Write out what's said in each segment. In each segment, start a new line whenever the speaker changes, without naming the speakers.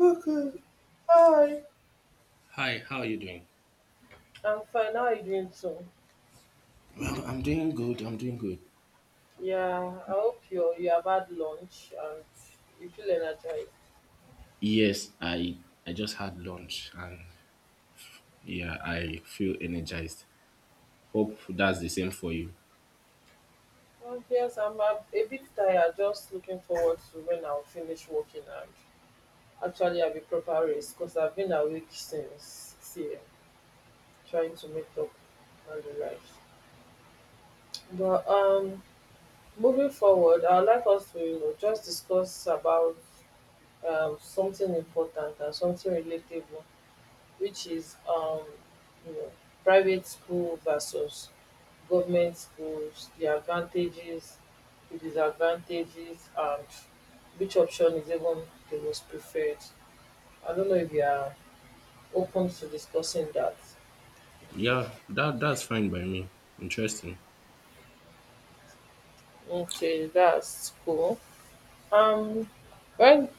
Okay. Hi.
Hi, how are you doing?
I'm fine. How are you doing too?
Well, I'm doing good. I'm doing good.
Yeah, I hope you have had lunch and you feel energized.
Yes, I just had lunch and yeah, I feel energized. Hope that's the same for you.
Well, yes, I'm a bit tired. Just looking forward to when I'll finish working and actually have a proper rest because I've been awake since 6 a.m. trying to make up on the life. But Moving forward, I'd like us to just discuss about something important and something relatable, which is you know private school versus government schools, the advantages, the disadvantages, and which option is even the most preferred. I don't know if you are open to discussing that.
Yeah, that's fine by me. Interesting.
Okay, that's cool. um when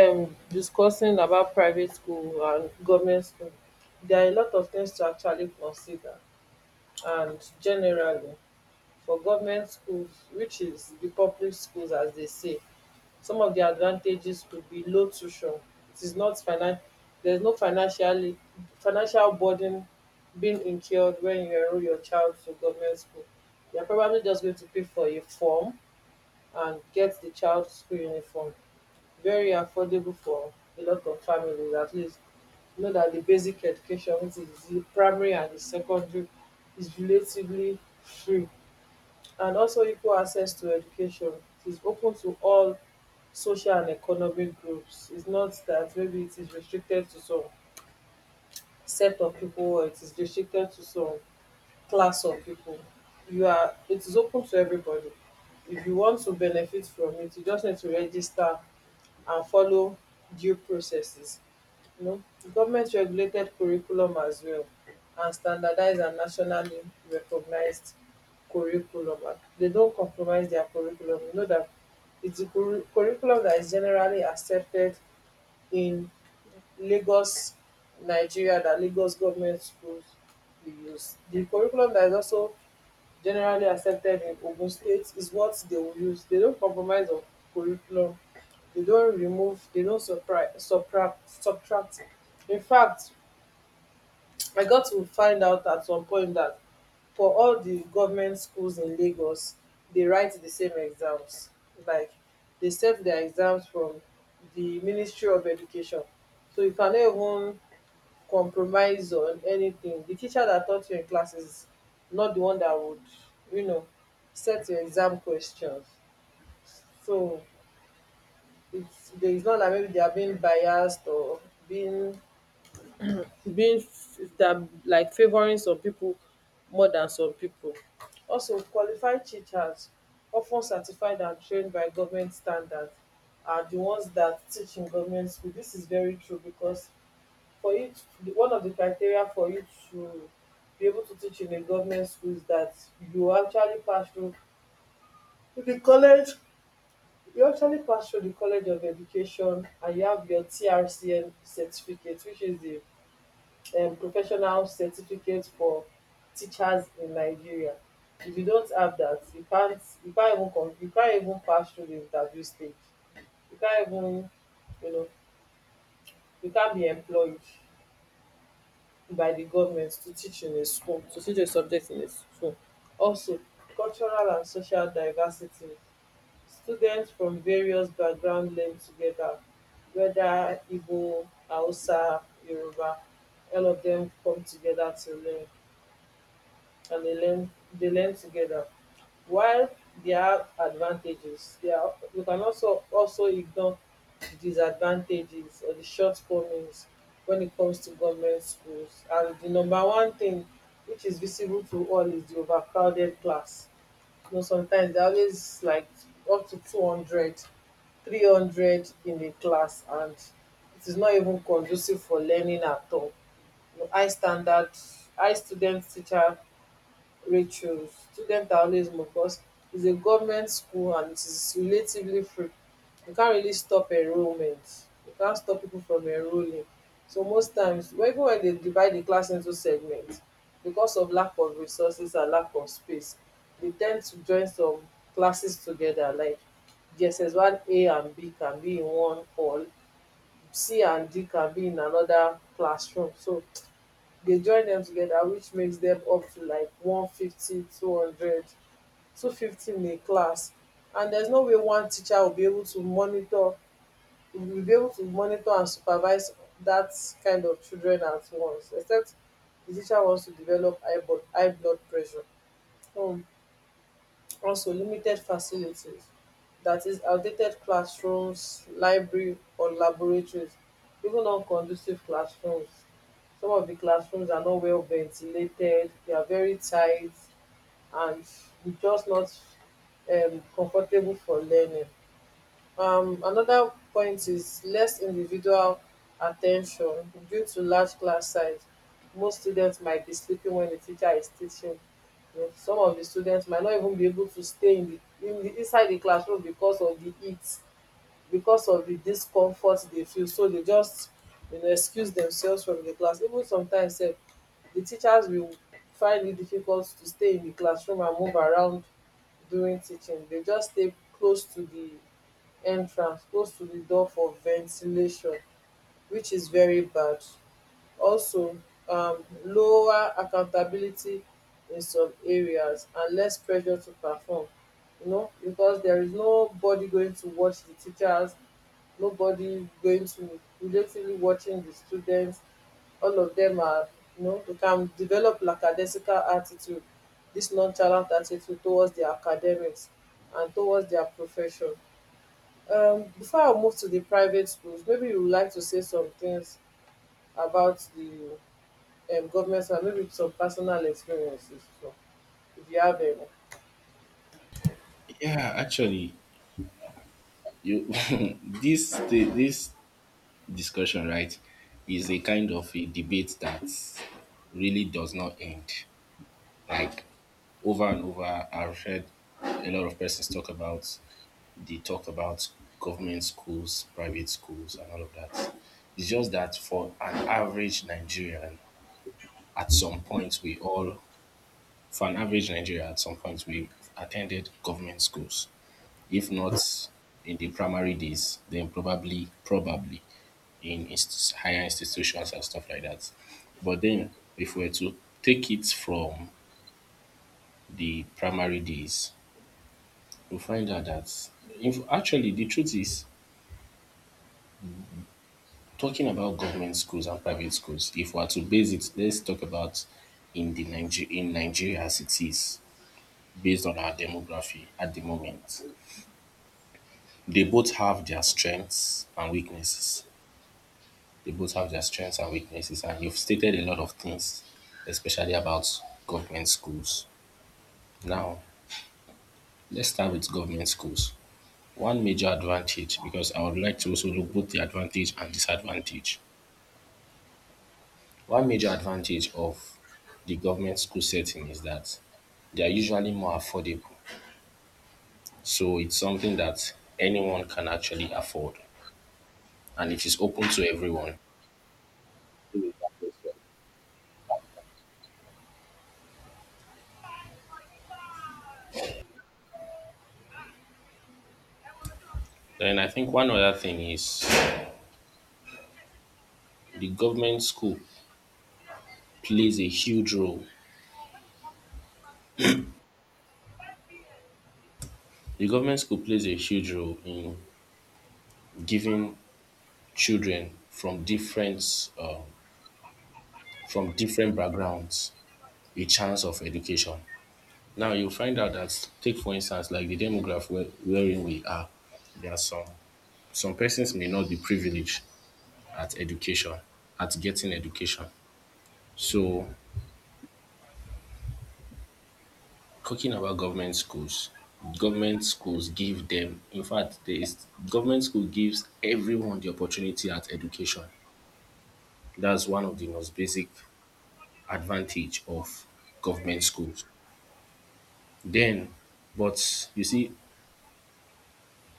discussing about private school and government school, there are a lot of things to actually consider. And generally, for government schools, which is the public schools as they say, some of the advantages could be low tuition. It is not finan There is no financial burden being incurred when you enrol your child to government school. You are probably just going to pay for a form and get the child school uniform. Very affordable for a lot of families. At least you know that the basic education, which is the primary and the secondary, is relatively free. And also equal access to education. It is open to all social and economic groups. It's not that maybe it is restricted to some set of people or it is restricted to some class of people. You are, it is open to everybody. If you want to benefit from it, you just need to register and follow due processes, you know. Government regulated curriculum as well, and standardized and nationally recognized curriculum. And they don't compromise their curriculum. You know that it's a curriculum that is generally accepted in Lagos, Nigeria, that Lagos government schools we use. The curriculum that is also generally accepted in Ogun State is what they will use. They don't compromise on curriculum. They don't remove. They don't surpri- Subtract. Subtract. In fact, I got to find out at some point that for all the government schools in Lagos, they write the same exams. Like, they set their exams from the Ministry of Education, so you can even compromise on anything. The teacher that taught you in class is not the one that would, you know, set your exam questions. So it's, there is not that maybe they are being biased or being being that like favoring some people more than some people. Also, qualified teachers, often certified and trained by government standards, are the ones that teach in government school. This is very true because for you to, one of the criteria for you to be able to teach in a government school is that you actually pass through the college you actually pass through the college of education and you have your trcn certificate, which is the professional certificate for teachers in Nigeria. If you don't have that, you can't even come, you can't even pass through the interview stage, you can't even, you know, you can't be employed by the government to teach in a school, to teach a subject in a school. Also, cultural and social diversity. Students from various backgrounds learn together. Whether igbo, hausa, yoruba, all of them come together to learn. And they learn together. While there are advantages, there are, we can also ignore the disadvantages or the shortcomings when it comes to government schools. And the number one thing which is visible to all is the overcrowded class. You know, sometimes there are always like up to 200, 300 in a class, and it is not even conducive for learning at all. You know, high standard, high student teacher Rachel Student Taoism, of course, is a government school and it is relatively free. You can't really stop enrollment. You can't stop people from enrolling. So most times, even when they divide the class into segments, because of lack of resources and lack of space, they tend to join some classes together. Like GSS one A and B can be in one hall, C and D can be in another classroom. So they join them together, which makes them up to like one fifty two hundred two fifty in a class, and there's no way one teacher will be able to monitor, will be able to monitor and supervise that kind of children at once, except the teacher wants to develop high blood pressure. um also, limited facilities, that is outdated classrooms, library or laboratories, even non-conducive classrooms. Some of the classrooms are not well ventilated, they are very tight, and it's just not comfortable for learning. Another point is less individual attention due to large class size. Most students might be sleeping when the teacher is teaching. You know, some of the students might not even be able to stay in di inside the classroom because of the heat, because of the discomfort they feel, so they just, you know, excuse themselves from the class. Even sometimes sef the teachers will find it difficult to stay in the classroom and move around during teaching. They just stay close to the entrance, close to the door for ventilation, which is very bad. Also, lower accountability in some areas and less pressure to perform, you know, because there is nobody going to watch the teachers, nobody going to relatively watching the students. All of them are, you know, they can develop lackadaisical attitude, this nonchalant attitude towards their academics and towards their profession. Before I move to the private schools, maybe you would like to say some things about the government, and maybe some personal experiences, so if you have any.
Yeah, actually, you this discussion, right, is a kind of a debate that really does not end. Like over and over, I've heard a lot of persons talk about government schools, private schools, and all of that. It's just that for an average Nigerian, at some point, for an average Nigerian, at some point, we attended government schools. If not in the primary days, then probably higher institutions and stuff like that. But then, if we were to take it from the primary days, we find out that, if, actually, the truth is, talking about government schools and private schools, if we are to base it, let's talk about in in Nigeria as it is, based on our demography at the moment. They both have their strengths and weaknesses. They both have their strengths and weaknesses, and you've stated a lot of things, especially about government schools. Now, let's start with government schools. One major advantage, because I would like to also look both the advantage and disadvantage. One major advantage of the government school setting is that they are usually more affordable. So it's something that anyone can actually afford and it is open to everyone. Then I think one other thing is the government school plays a huge role. The government school plays a huge role in giving children from different backgrounds a chance of education. Now you find out that, take for instance like the demograph wherein we are, there are some persons may not be privileged at education, at getting education. So talking about government schools give them, in fact, there is government school gives everyone the opportunity at education. That's one of the most basic advantage of government schools. Then, but you see,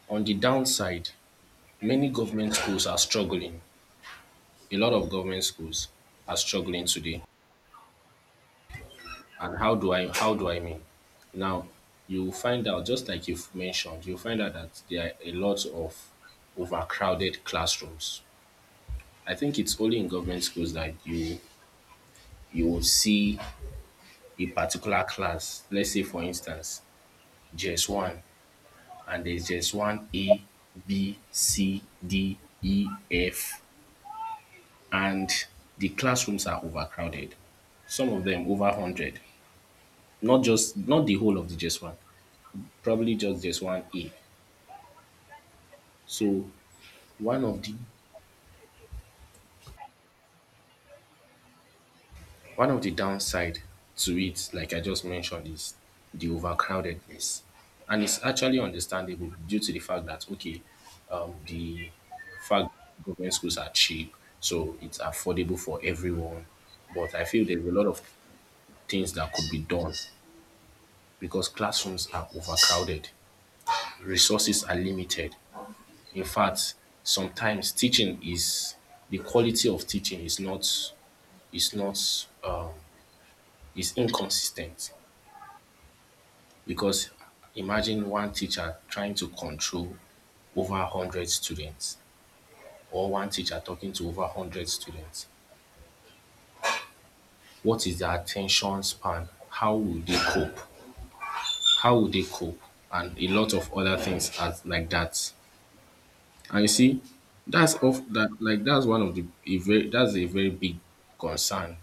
on the downside, many government schools are struggling. A lot of government schools are struggling today. And how do I mean? Now you find out, just like you've mentioned, you find out that there are a lot of overcrowded classrooms. I think it's only in government schools that you will see a particular class. Let's say for instance, JS one, and there's JS one A, B, C, D, E, F, and the classrooms are overcrowded. Some of them over 100. Not just not the whole of the JS one, probably just JS one A. So one of the one of the downside to it, like I just mentioned, is the overcrowdedness. And it's actually understandable due to the fact that, okay, the fact government schools are cheap, so it's affordable for everyone. But I feel there's a lot of things that could be done because classrooms are overcrowded, resources are limited. In fact, sometimes teaching is the quality of teaching is not is not is inconsistent because imagine one teacher trying to control over 100 students or one teacher talking to over 100 students. What is their attention span? How will they cope? How will they cope? And a lot of other things as like that. And you see, that's a very big concern.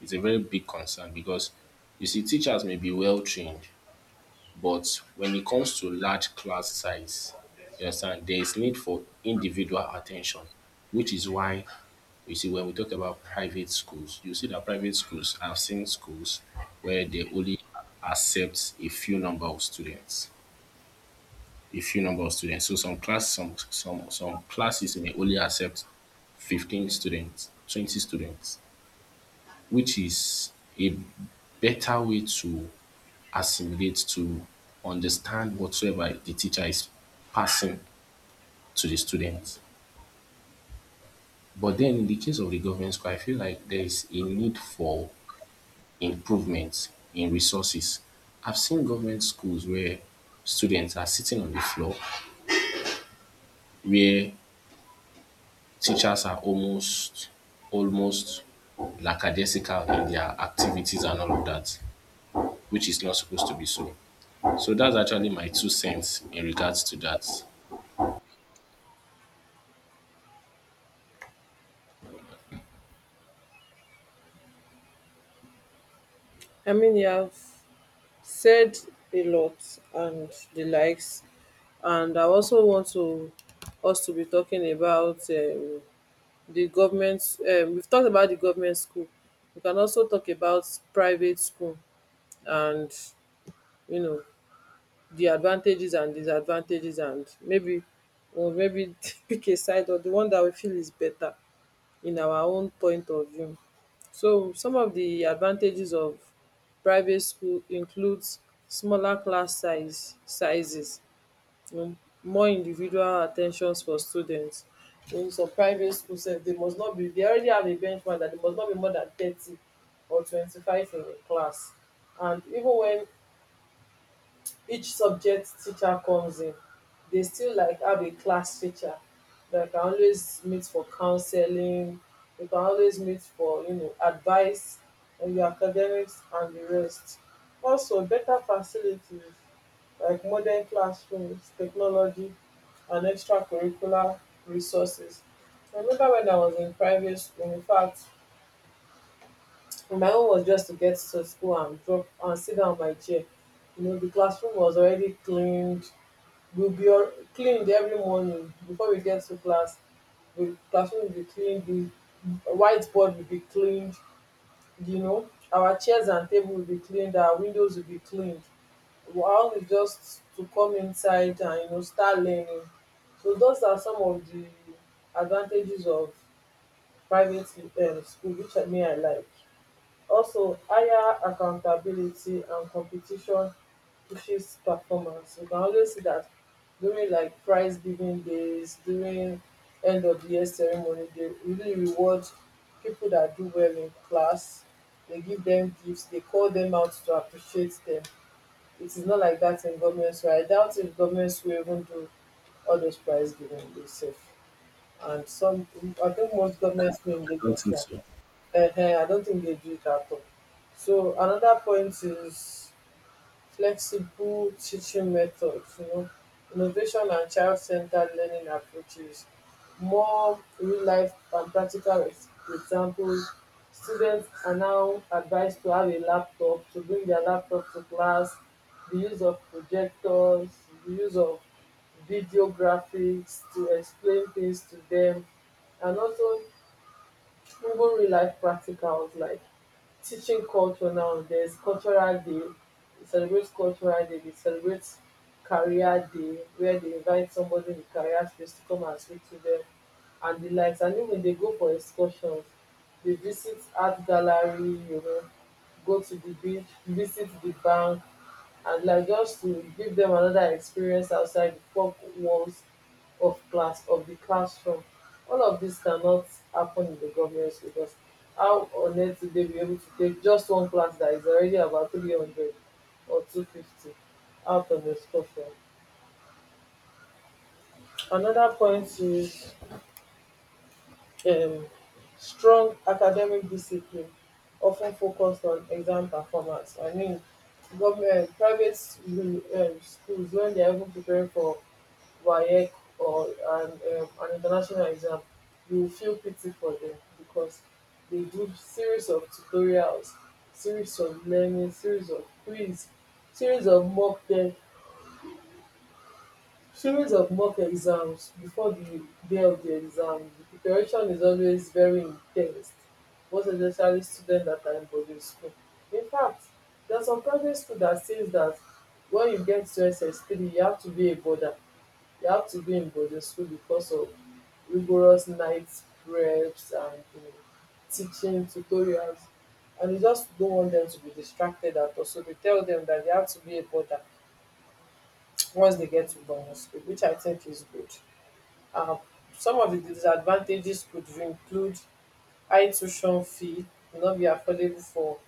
It's a very big concern because you see, teachers may be well trained, but when it comes to large class size, you understand, there is need for individual attention, which is why you see when we talk about private schools, you see that private schools, I've seen schools where they only accept a few number of students. A few number of students. So some classes may only accept 15 students, 20 students, which is a better way to assimilate, to understand whatsoever the teacher is passing to the students. But then in the case of the government school, I feel like there is a need for improvement in resources. I've seen government schools where students are sitting on the floor, where teachers are almost lackadaisical in their activities and all of that, which is not supposed to be so. So that's actually my two cents in regards to that.
I mean, you have said a lot and the likes, and I also want to us to be talking about the government. We've talked about the government school. We can also talk about private school and, you know, the advantages and disadvantages, and maybe or maybe pick a side or the one that we feel is better in our own point of view. So some of the advantages of private school includes smaller class size sizes, um more individual attentions for students. In some private schools, sef dey must not be, they already have a benchmark that they must not be more than 30 or 25 in a class. And even when each subject teacher comes in, they still like have a class teacher that can always meet for counseling. They can always meet for, you know, advice on your academics and the rest. Also, better facilities like modern classrooms, technology, and extracurricular resources. I remember when I was in private school. In fact, my own was just to get to school and drop and sit down on my chair. You know, the classroom was already cleaned. We will be on- Cleaned every morning before we get to class. The classroom will be cleaned, the whiteboard will be cleaned, you know, our chairs and table will be cleaned, our windows will be cleaned. While we just to come inside and, you know, start learning. So those are some of the advantages of private school, which I may I like. Also, higher accountability and competition pushes performance. You can always see that during like prize giving days, during end of the year ceremony, they really reward people that do well in class. They give them gifts, they call them out to appreciate them. It is not like that in government, so I doubt if governments will even do all those prize giving days sef. And some, I think most governments wey in
I don't
lagos
think
now,
so.
I don't think they do it at all. So another point is flexible teaching methods, you know, innovation and child-centered learning approaches, more real-life and practical examples. Students are now advised to have a laptop, to bring their laptop to class, the use of projectors, the use of video graphics to explain things to them, and also even real life practicals like teaching culture. Now there's cultural day, we celebrate cultural day. They celebrate career day, where they invite somebody in the career space to come and speak to them and the likes. And even they go for excursions, they visit art gallery, you know, go to the beach, visit the bank and like, just to give them another experience outside the four walls of class of the classroom. All of this cannot happen in the government school because how on earth will they be able to take just one class that is already about 300 or 250 out of a school form? Another point is um strong academic discipline often focused on exam performance. I mean, government, private schools, when they are even preparing for WAEC or an international exam, you will feel pity for them because they do series of tutorials, series of learning, series of quiz, series of mock test, series of mock exams before the day of the exam. The preparation is always very intense, most especially students that are in boarding school. In fact, there are some private school that says that when you get to SS3, you have to be a boarder. You have to be in boarding school because of rigorous night preps and, you know, teaching tutorials. And you just don't want them to be distracted at all. So they tell them that they have to be a border once they get to boarding school, which I think is good. Um, some of the disadvantages could include high tuition fee, will not be affordable for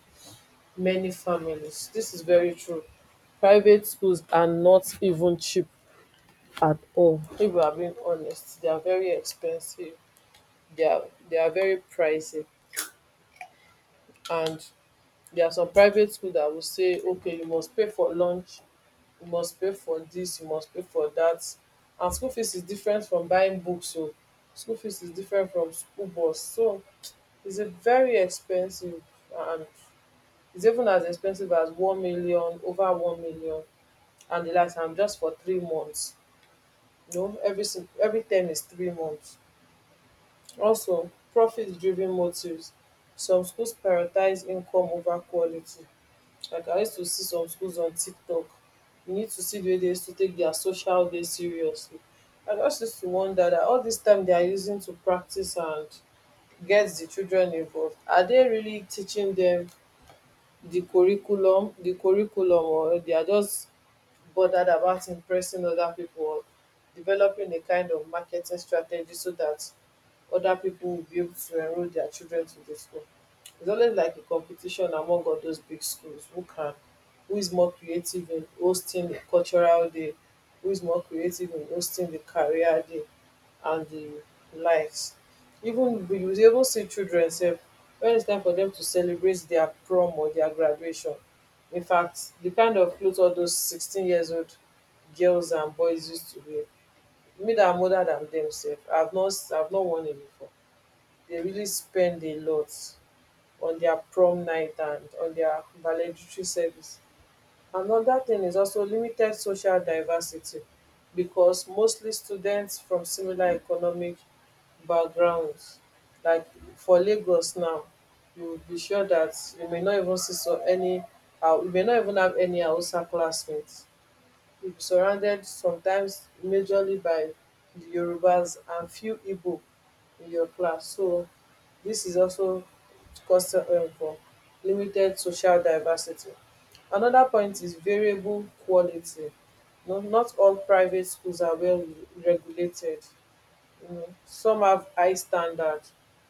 many families. This is very true. Private schools are not even cheap at all. If we are being honest, they are very expensive. they are they are very pricey. And there are some private school that will say, okay, you must pay for lunch, you must pay for this, you must pay for that. And school fees is different from buying books. So school fees is different from school bus. So it's a very expensive. And it's even as expensive as 1 million, over 1 million, and the last time just for 3 months. You know, every every term is 3 months. Also profit-driven motives, some schools prioritise income over quality. Like I used to see some schools on TikTok, you need to see di way dey used to take their social day seriously. I just used to wonder that all this time they are using to practice and get the children involved, are they really teaching them the curriculum The curriculum? Or they are just bothered about impressing other people, or developing a kind of marketing strategy so that other people will be able to enroll their children to the school. It's always like a competition among all those big schools. Who is more creative in hosting the cultural day, who is more creative in hosting the career day and the likes. Even you will even see children say when it's time for them to celebrate their prom or their graduation. In fact, the kind of clothes all those 16 years old girls and boys used to wear. Me that I'm older than them sef, I've not worn it before. They really spend a lot on their prom night and on their valedictory service. Another thing is also limited social diversity, because mostly students from similar economic backgrounds. Like for Lagos now, you will be sure that you may not even see you may not even have any Hausa classmates. You'll be surrounded sometimes majorly by the Yorubas and few Igbo in your class. So this is also custom for limited social diversity. Another point is variable quality. No, not all private schools are well regulated. Mm. Some have high standard,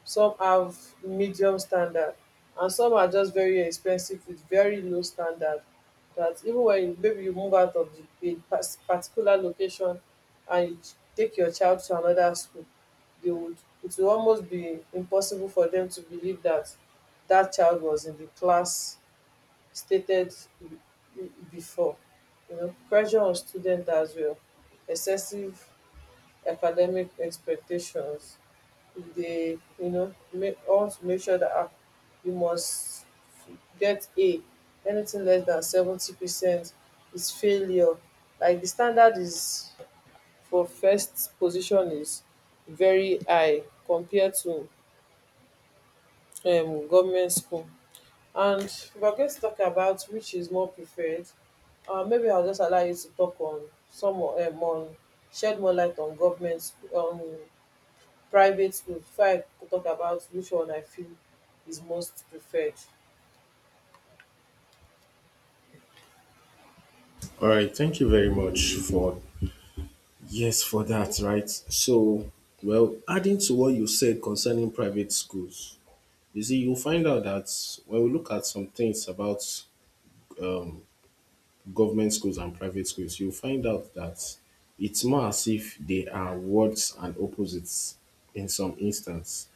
some have medium standard, and some are just very expensive with very low standard. That even when you, maybe you move out of the particular location and you take your child to another school, they would it will almost be impossible for them to believe that that child was in the class stated before. You know, pressure on students as well, excessive academic expectations. If they, you know, make want to make sure that ah, you must get a anything less than 70% is failure. Like the standard is for first position is very high compared to government school. And we are going to talk about which is more preferred. Maybe I'll just allow you to talk on some on shed more light on government school, on private school, before I go talk about which one I feel is most preferred.
All right, thank you very much for, yes, for that, right? So, well, adding to what you said concerning private schools, you see, you'll find out that when we look at some things about government schools and private schools, you'll find out that it's more as if they are words and opposites in some instance.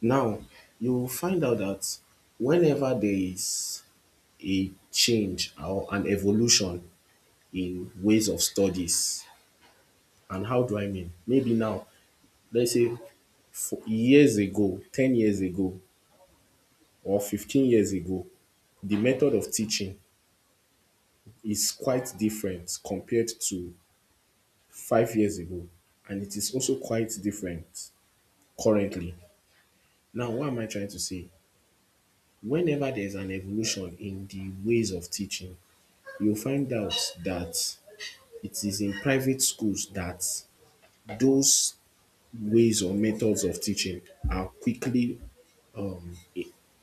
Now, you'll find out that whenever there is a change or an evolution in ways of studies. And how do I mean? Maybe now, let's say for years ago, 10 years ago, or 15 years ago, the method of teaching is quite different compared to 5 years ago. And it is also quite different currently. Now, what am I trying to say? Whenever there's an evolution in the ways of teaching, you'll find out that it is in private schools that those ways or methods of teaching are quickly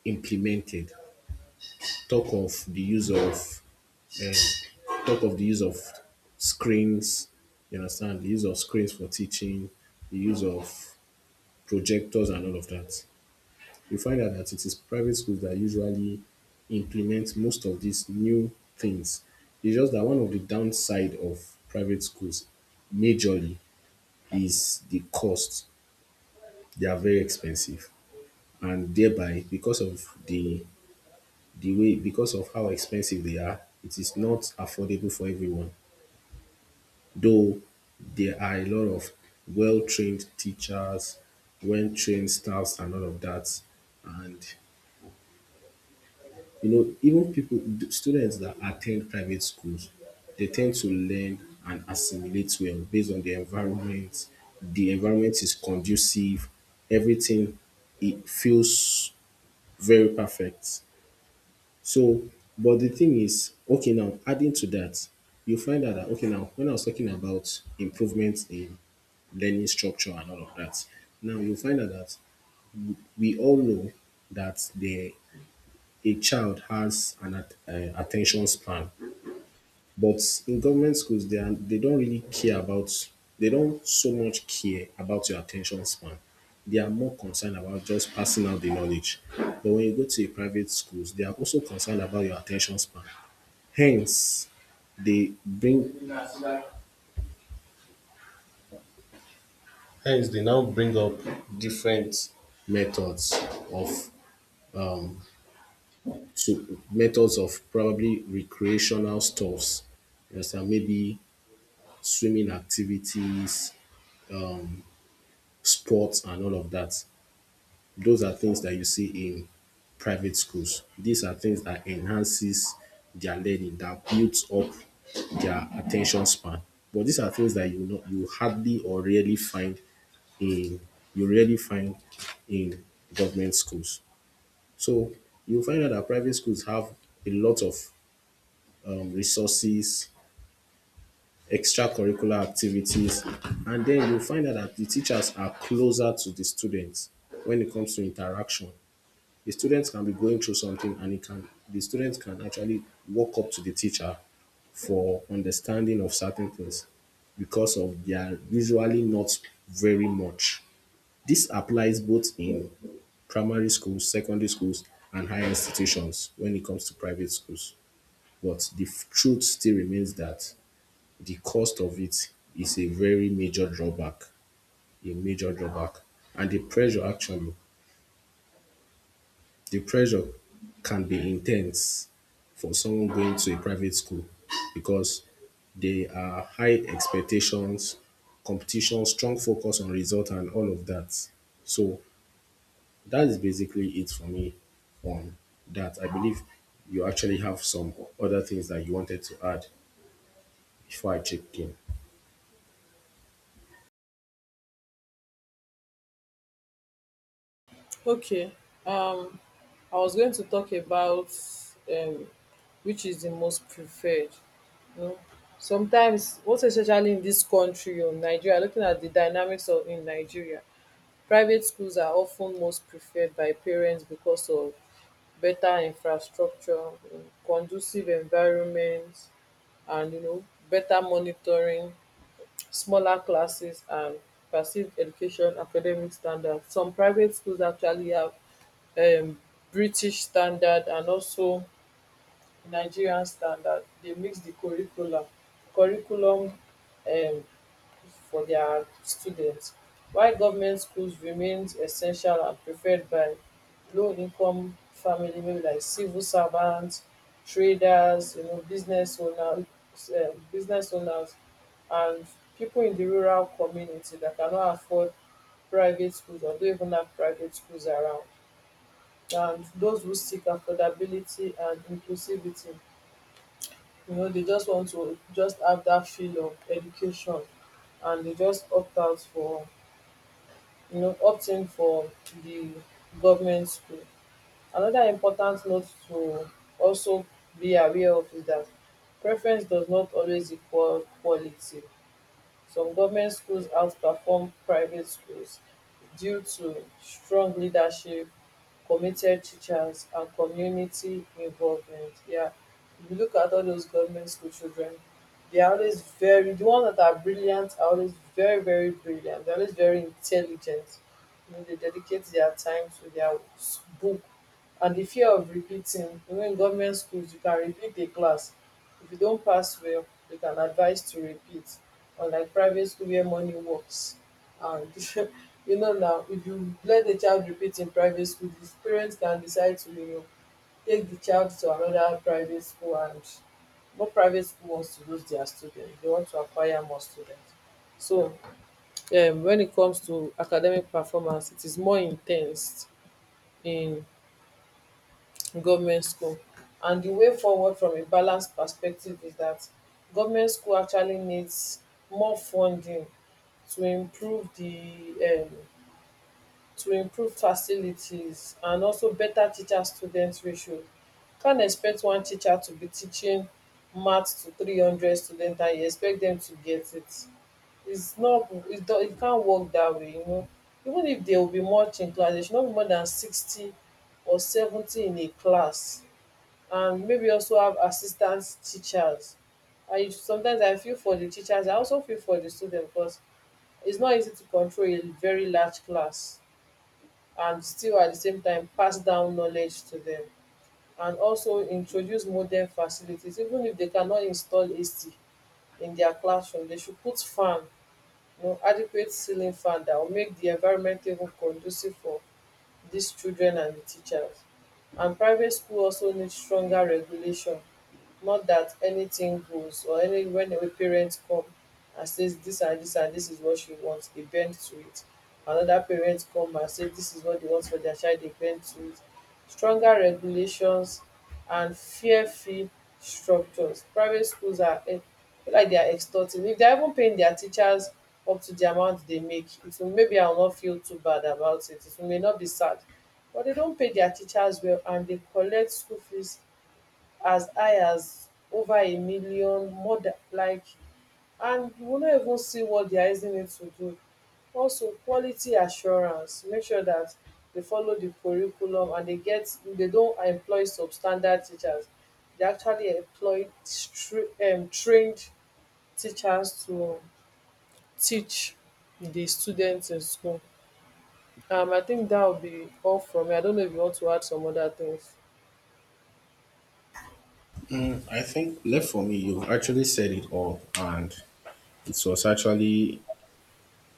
implemented. Talk of the use of talk of the use of screens. You understand the use of screens for teaching, the use of projectors and all of that. You find out that it is private schools that usually implement most of these new things. It's just that one of the downside of private schools majorly is the cost. They are very expensive, and thereby because of how expensive they are, it is not affordable for everyone. Though there are a lot of well trained teachers, well trained staffs, and all of that. And you know, even people, students that attend private schools, they tend to learn and assimilate well based on the environment. The environment is conducive, everything it feels very perfect. So, but the thing is, okay, now adding to that, you find out that, okay, now when I was talking about improvements in learning structure and all of that, now you find out that we all know that the a child has an attention span, but in government schools, they don't really care about, they don't so much care about your attention span. They are more concerned about just passing out the knowledge. But when you go to a private schools, they are also concerned about your attention span. Hence, they bring they now bring up different methods of methods of probably recreational stuffs. You understand? Maybe swimming activities, sports, and all of that. Those are things that you see in private schools. These are things that enhances their learning, that builds up their attention span. But these are things that you know you hardly or rarely find in, you really find in government schools. So you find out that private schools have a lot of resources, extracurricular activities, and then you find out that the teachers are closer to the students when it comes to interaction. The students can be going through something and it can the students can actually walk up to the teacher for understanding of certain things because of they are usually not very much. This applies both in primary schools, secondary schools and higher institutions when it comes to private schools. But truth still remains that the cost of it is a very major drawback, a major drawback. And the pressure actually, the pressure can be intense for someone going to a private school because they are high expectations, competition, strong focus on result and all of that. So that is basically it for me on that. I believe you actually have some other things that you wanted to add before I checked in.
Okay. Um, I was going to talk about um, which is the most preferred. You know, sometimes, most especially in this country or Nigeria, looking at the dynamics of in Nigeria, private schools are often most preferred by parents because of better infrastructure, you know, conducive environment, and you know, better monitoring, smaller classes, and perceived education academic standards. Some private schools actually have um British standard and also Nigerian standard. They mix the curriculum um for their students. While government schools remains essential and preferred by lowincome family, maybe like civil servants, traders, you know, business owners and people in the rural community that cannot afford private schools or don't even have private schools around, and those who seek affordability and inclusivity. You know, they just want to just have that feel of education and they just opt out for, you know, opt in for the government school. Another important note to also be aware of is that preference does not always equal quality. Some government schools outperform private schools due to strong leadership, committed teachers and community involvement. Yeah. If you look at all those government school children, they are always very, the ones that are brilliant are always very, very brilliant. They're always very intelligent. You know, they dedicate their time to their book and the fear of repeating. You know, in government schools you can repeat a class. If you don't pass well, they can advise to repeat. Unlike private school where money works and you know, now if you let the child repeat in private school, the parents can decide to, you know, take the child to another private school. And what private school wants to lose their students? They want to acquire more students. So when it comes to academic performance, it is more intense in government school. And the way forward from a balanced perspective is that government school actually needs more funding to improve the, to improve facilities, and also better teacher teacherstudent ratio. Can not expect one teacher to be teaching maths to 300 students and you expect them to get it. It is not, it don't. It can't work that way, you know. Even if there will be much in class, there should not be more than 60 or 70 in a class. And maybe also have assistant teachers. I feel for the teachers, I also feel for the students, because it's not easy to control a very large class and still at the same time pass down knowledge to them, and also introduce modern facilities. Even if they cannot install AC in their classroom, they should put fan, you know, adequate ceiling fan that will make the environment even conducive for these children and the teachers. And private school also need stronger regulation, not that anything goes. Or any, when a parent come and says this and this and this is what she wants, they bend to it. Another parent come and say this is what they want for their child, they bend to it. Stronger regulations and fear free structures. Private schools are e be like dia extorting. If they are even paying their teachers up to the amount they make, it will, maybe I will not feel too bad about it, it may not be sad. But they don't pay their teachers well and they collect school fees as high as over a million, more than like, and you will not even see what they are using it to do. Also quality assurance, make sure that they follow the curriculum and they don't employ substandard teachers. They actually employ trained teachers to teach the students in school. I think that will be all from me. I don't know if you want to add some other things.
Mm, I think left for me, you actually said it all, and it was actually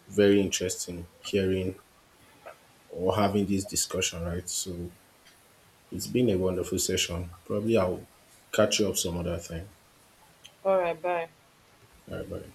very interesting hearing or having this discussion, right? So it's been a wonderful session. Probably I'll catch you up some other time.
All right, bye.
All right, buddy.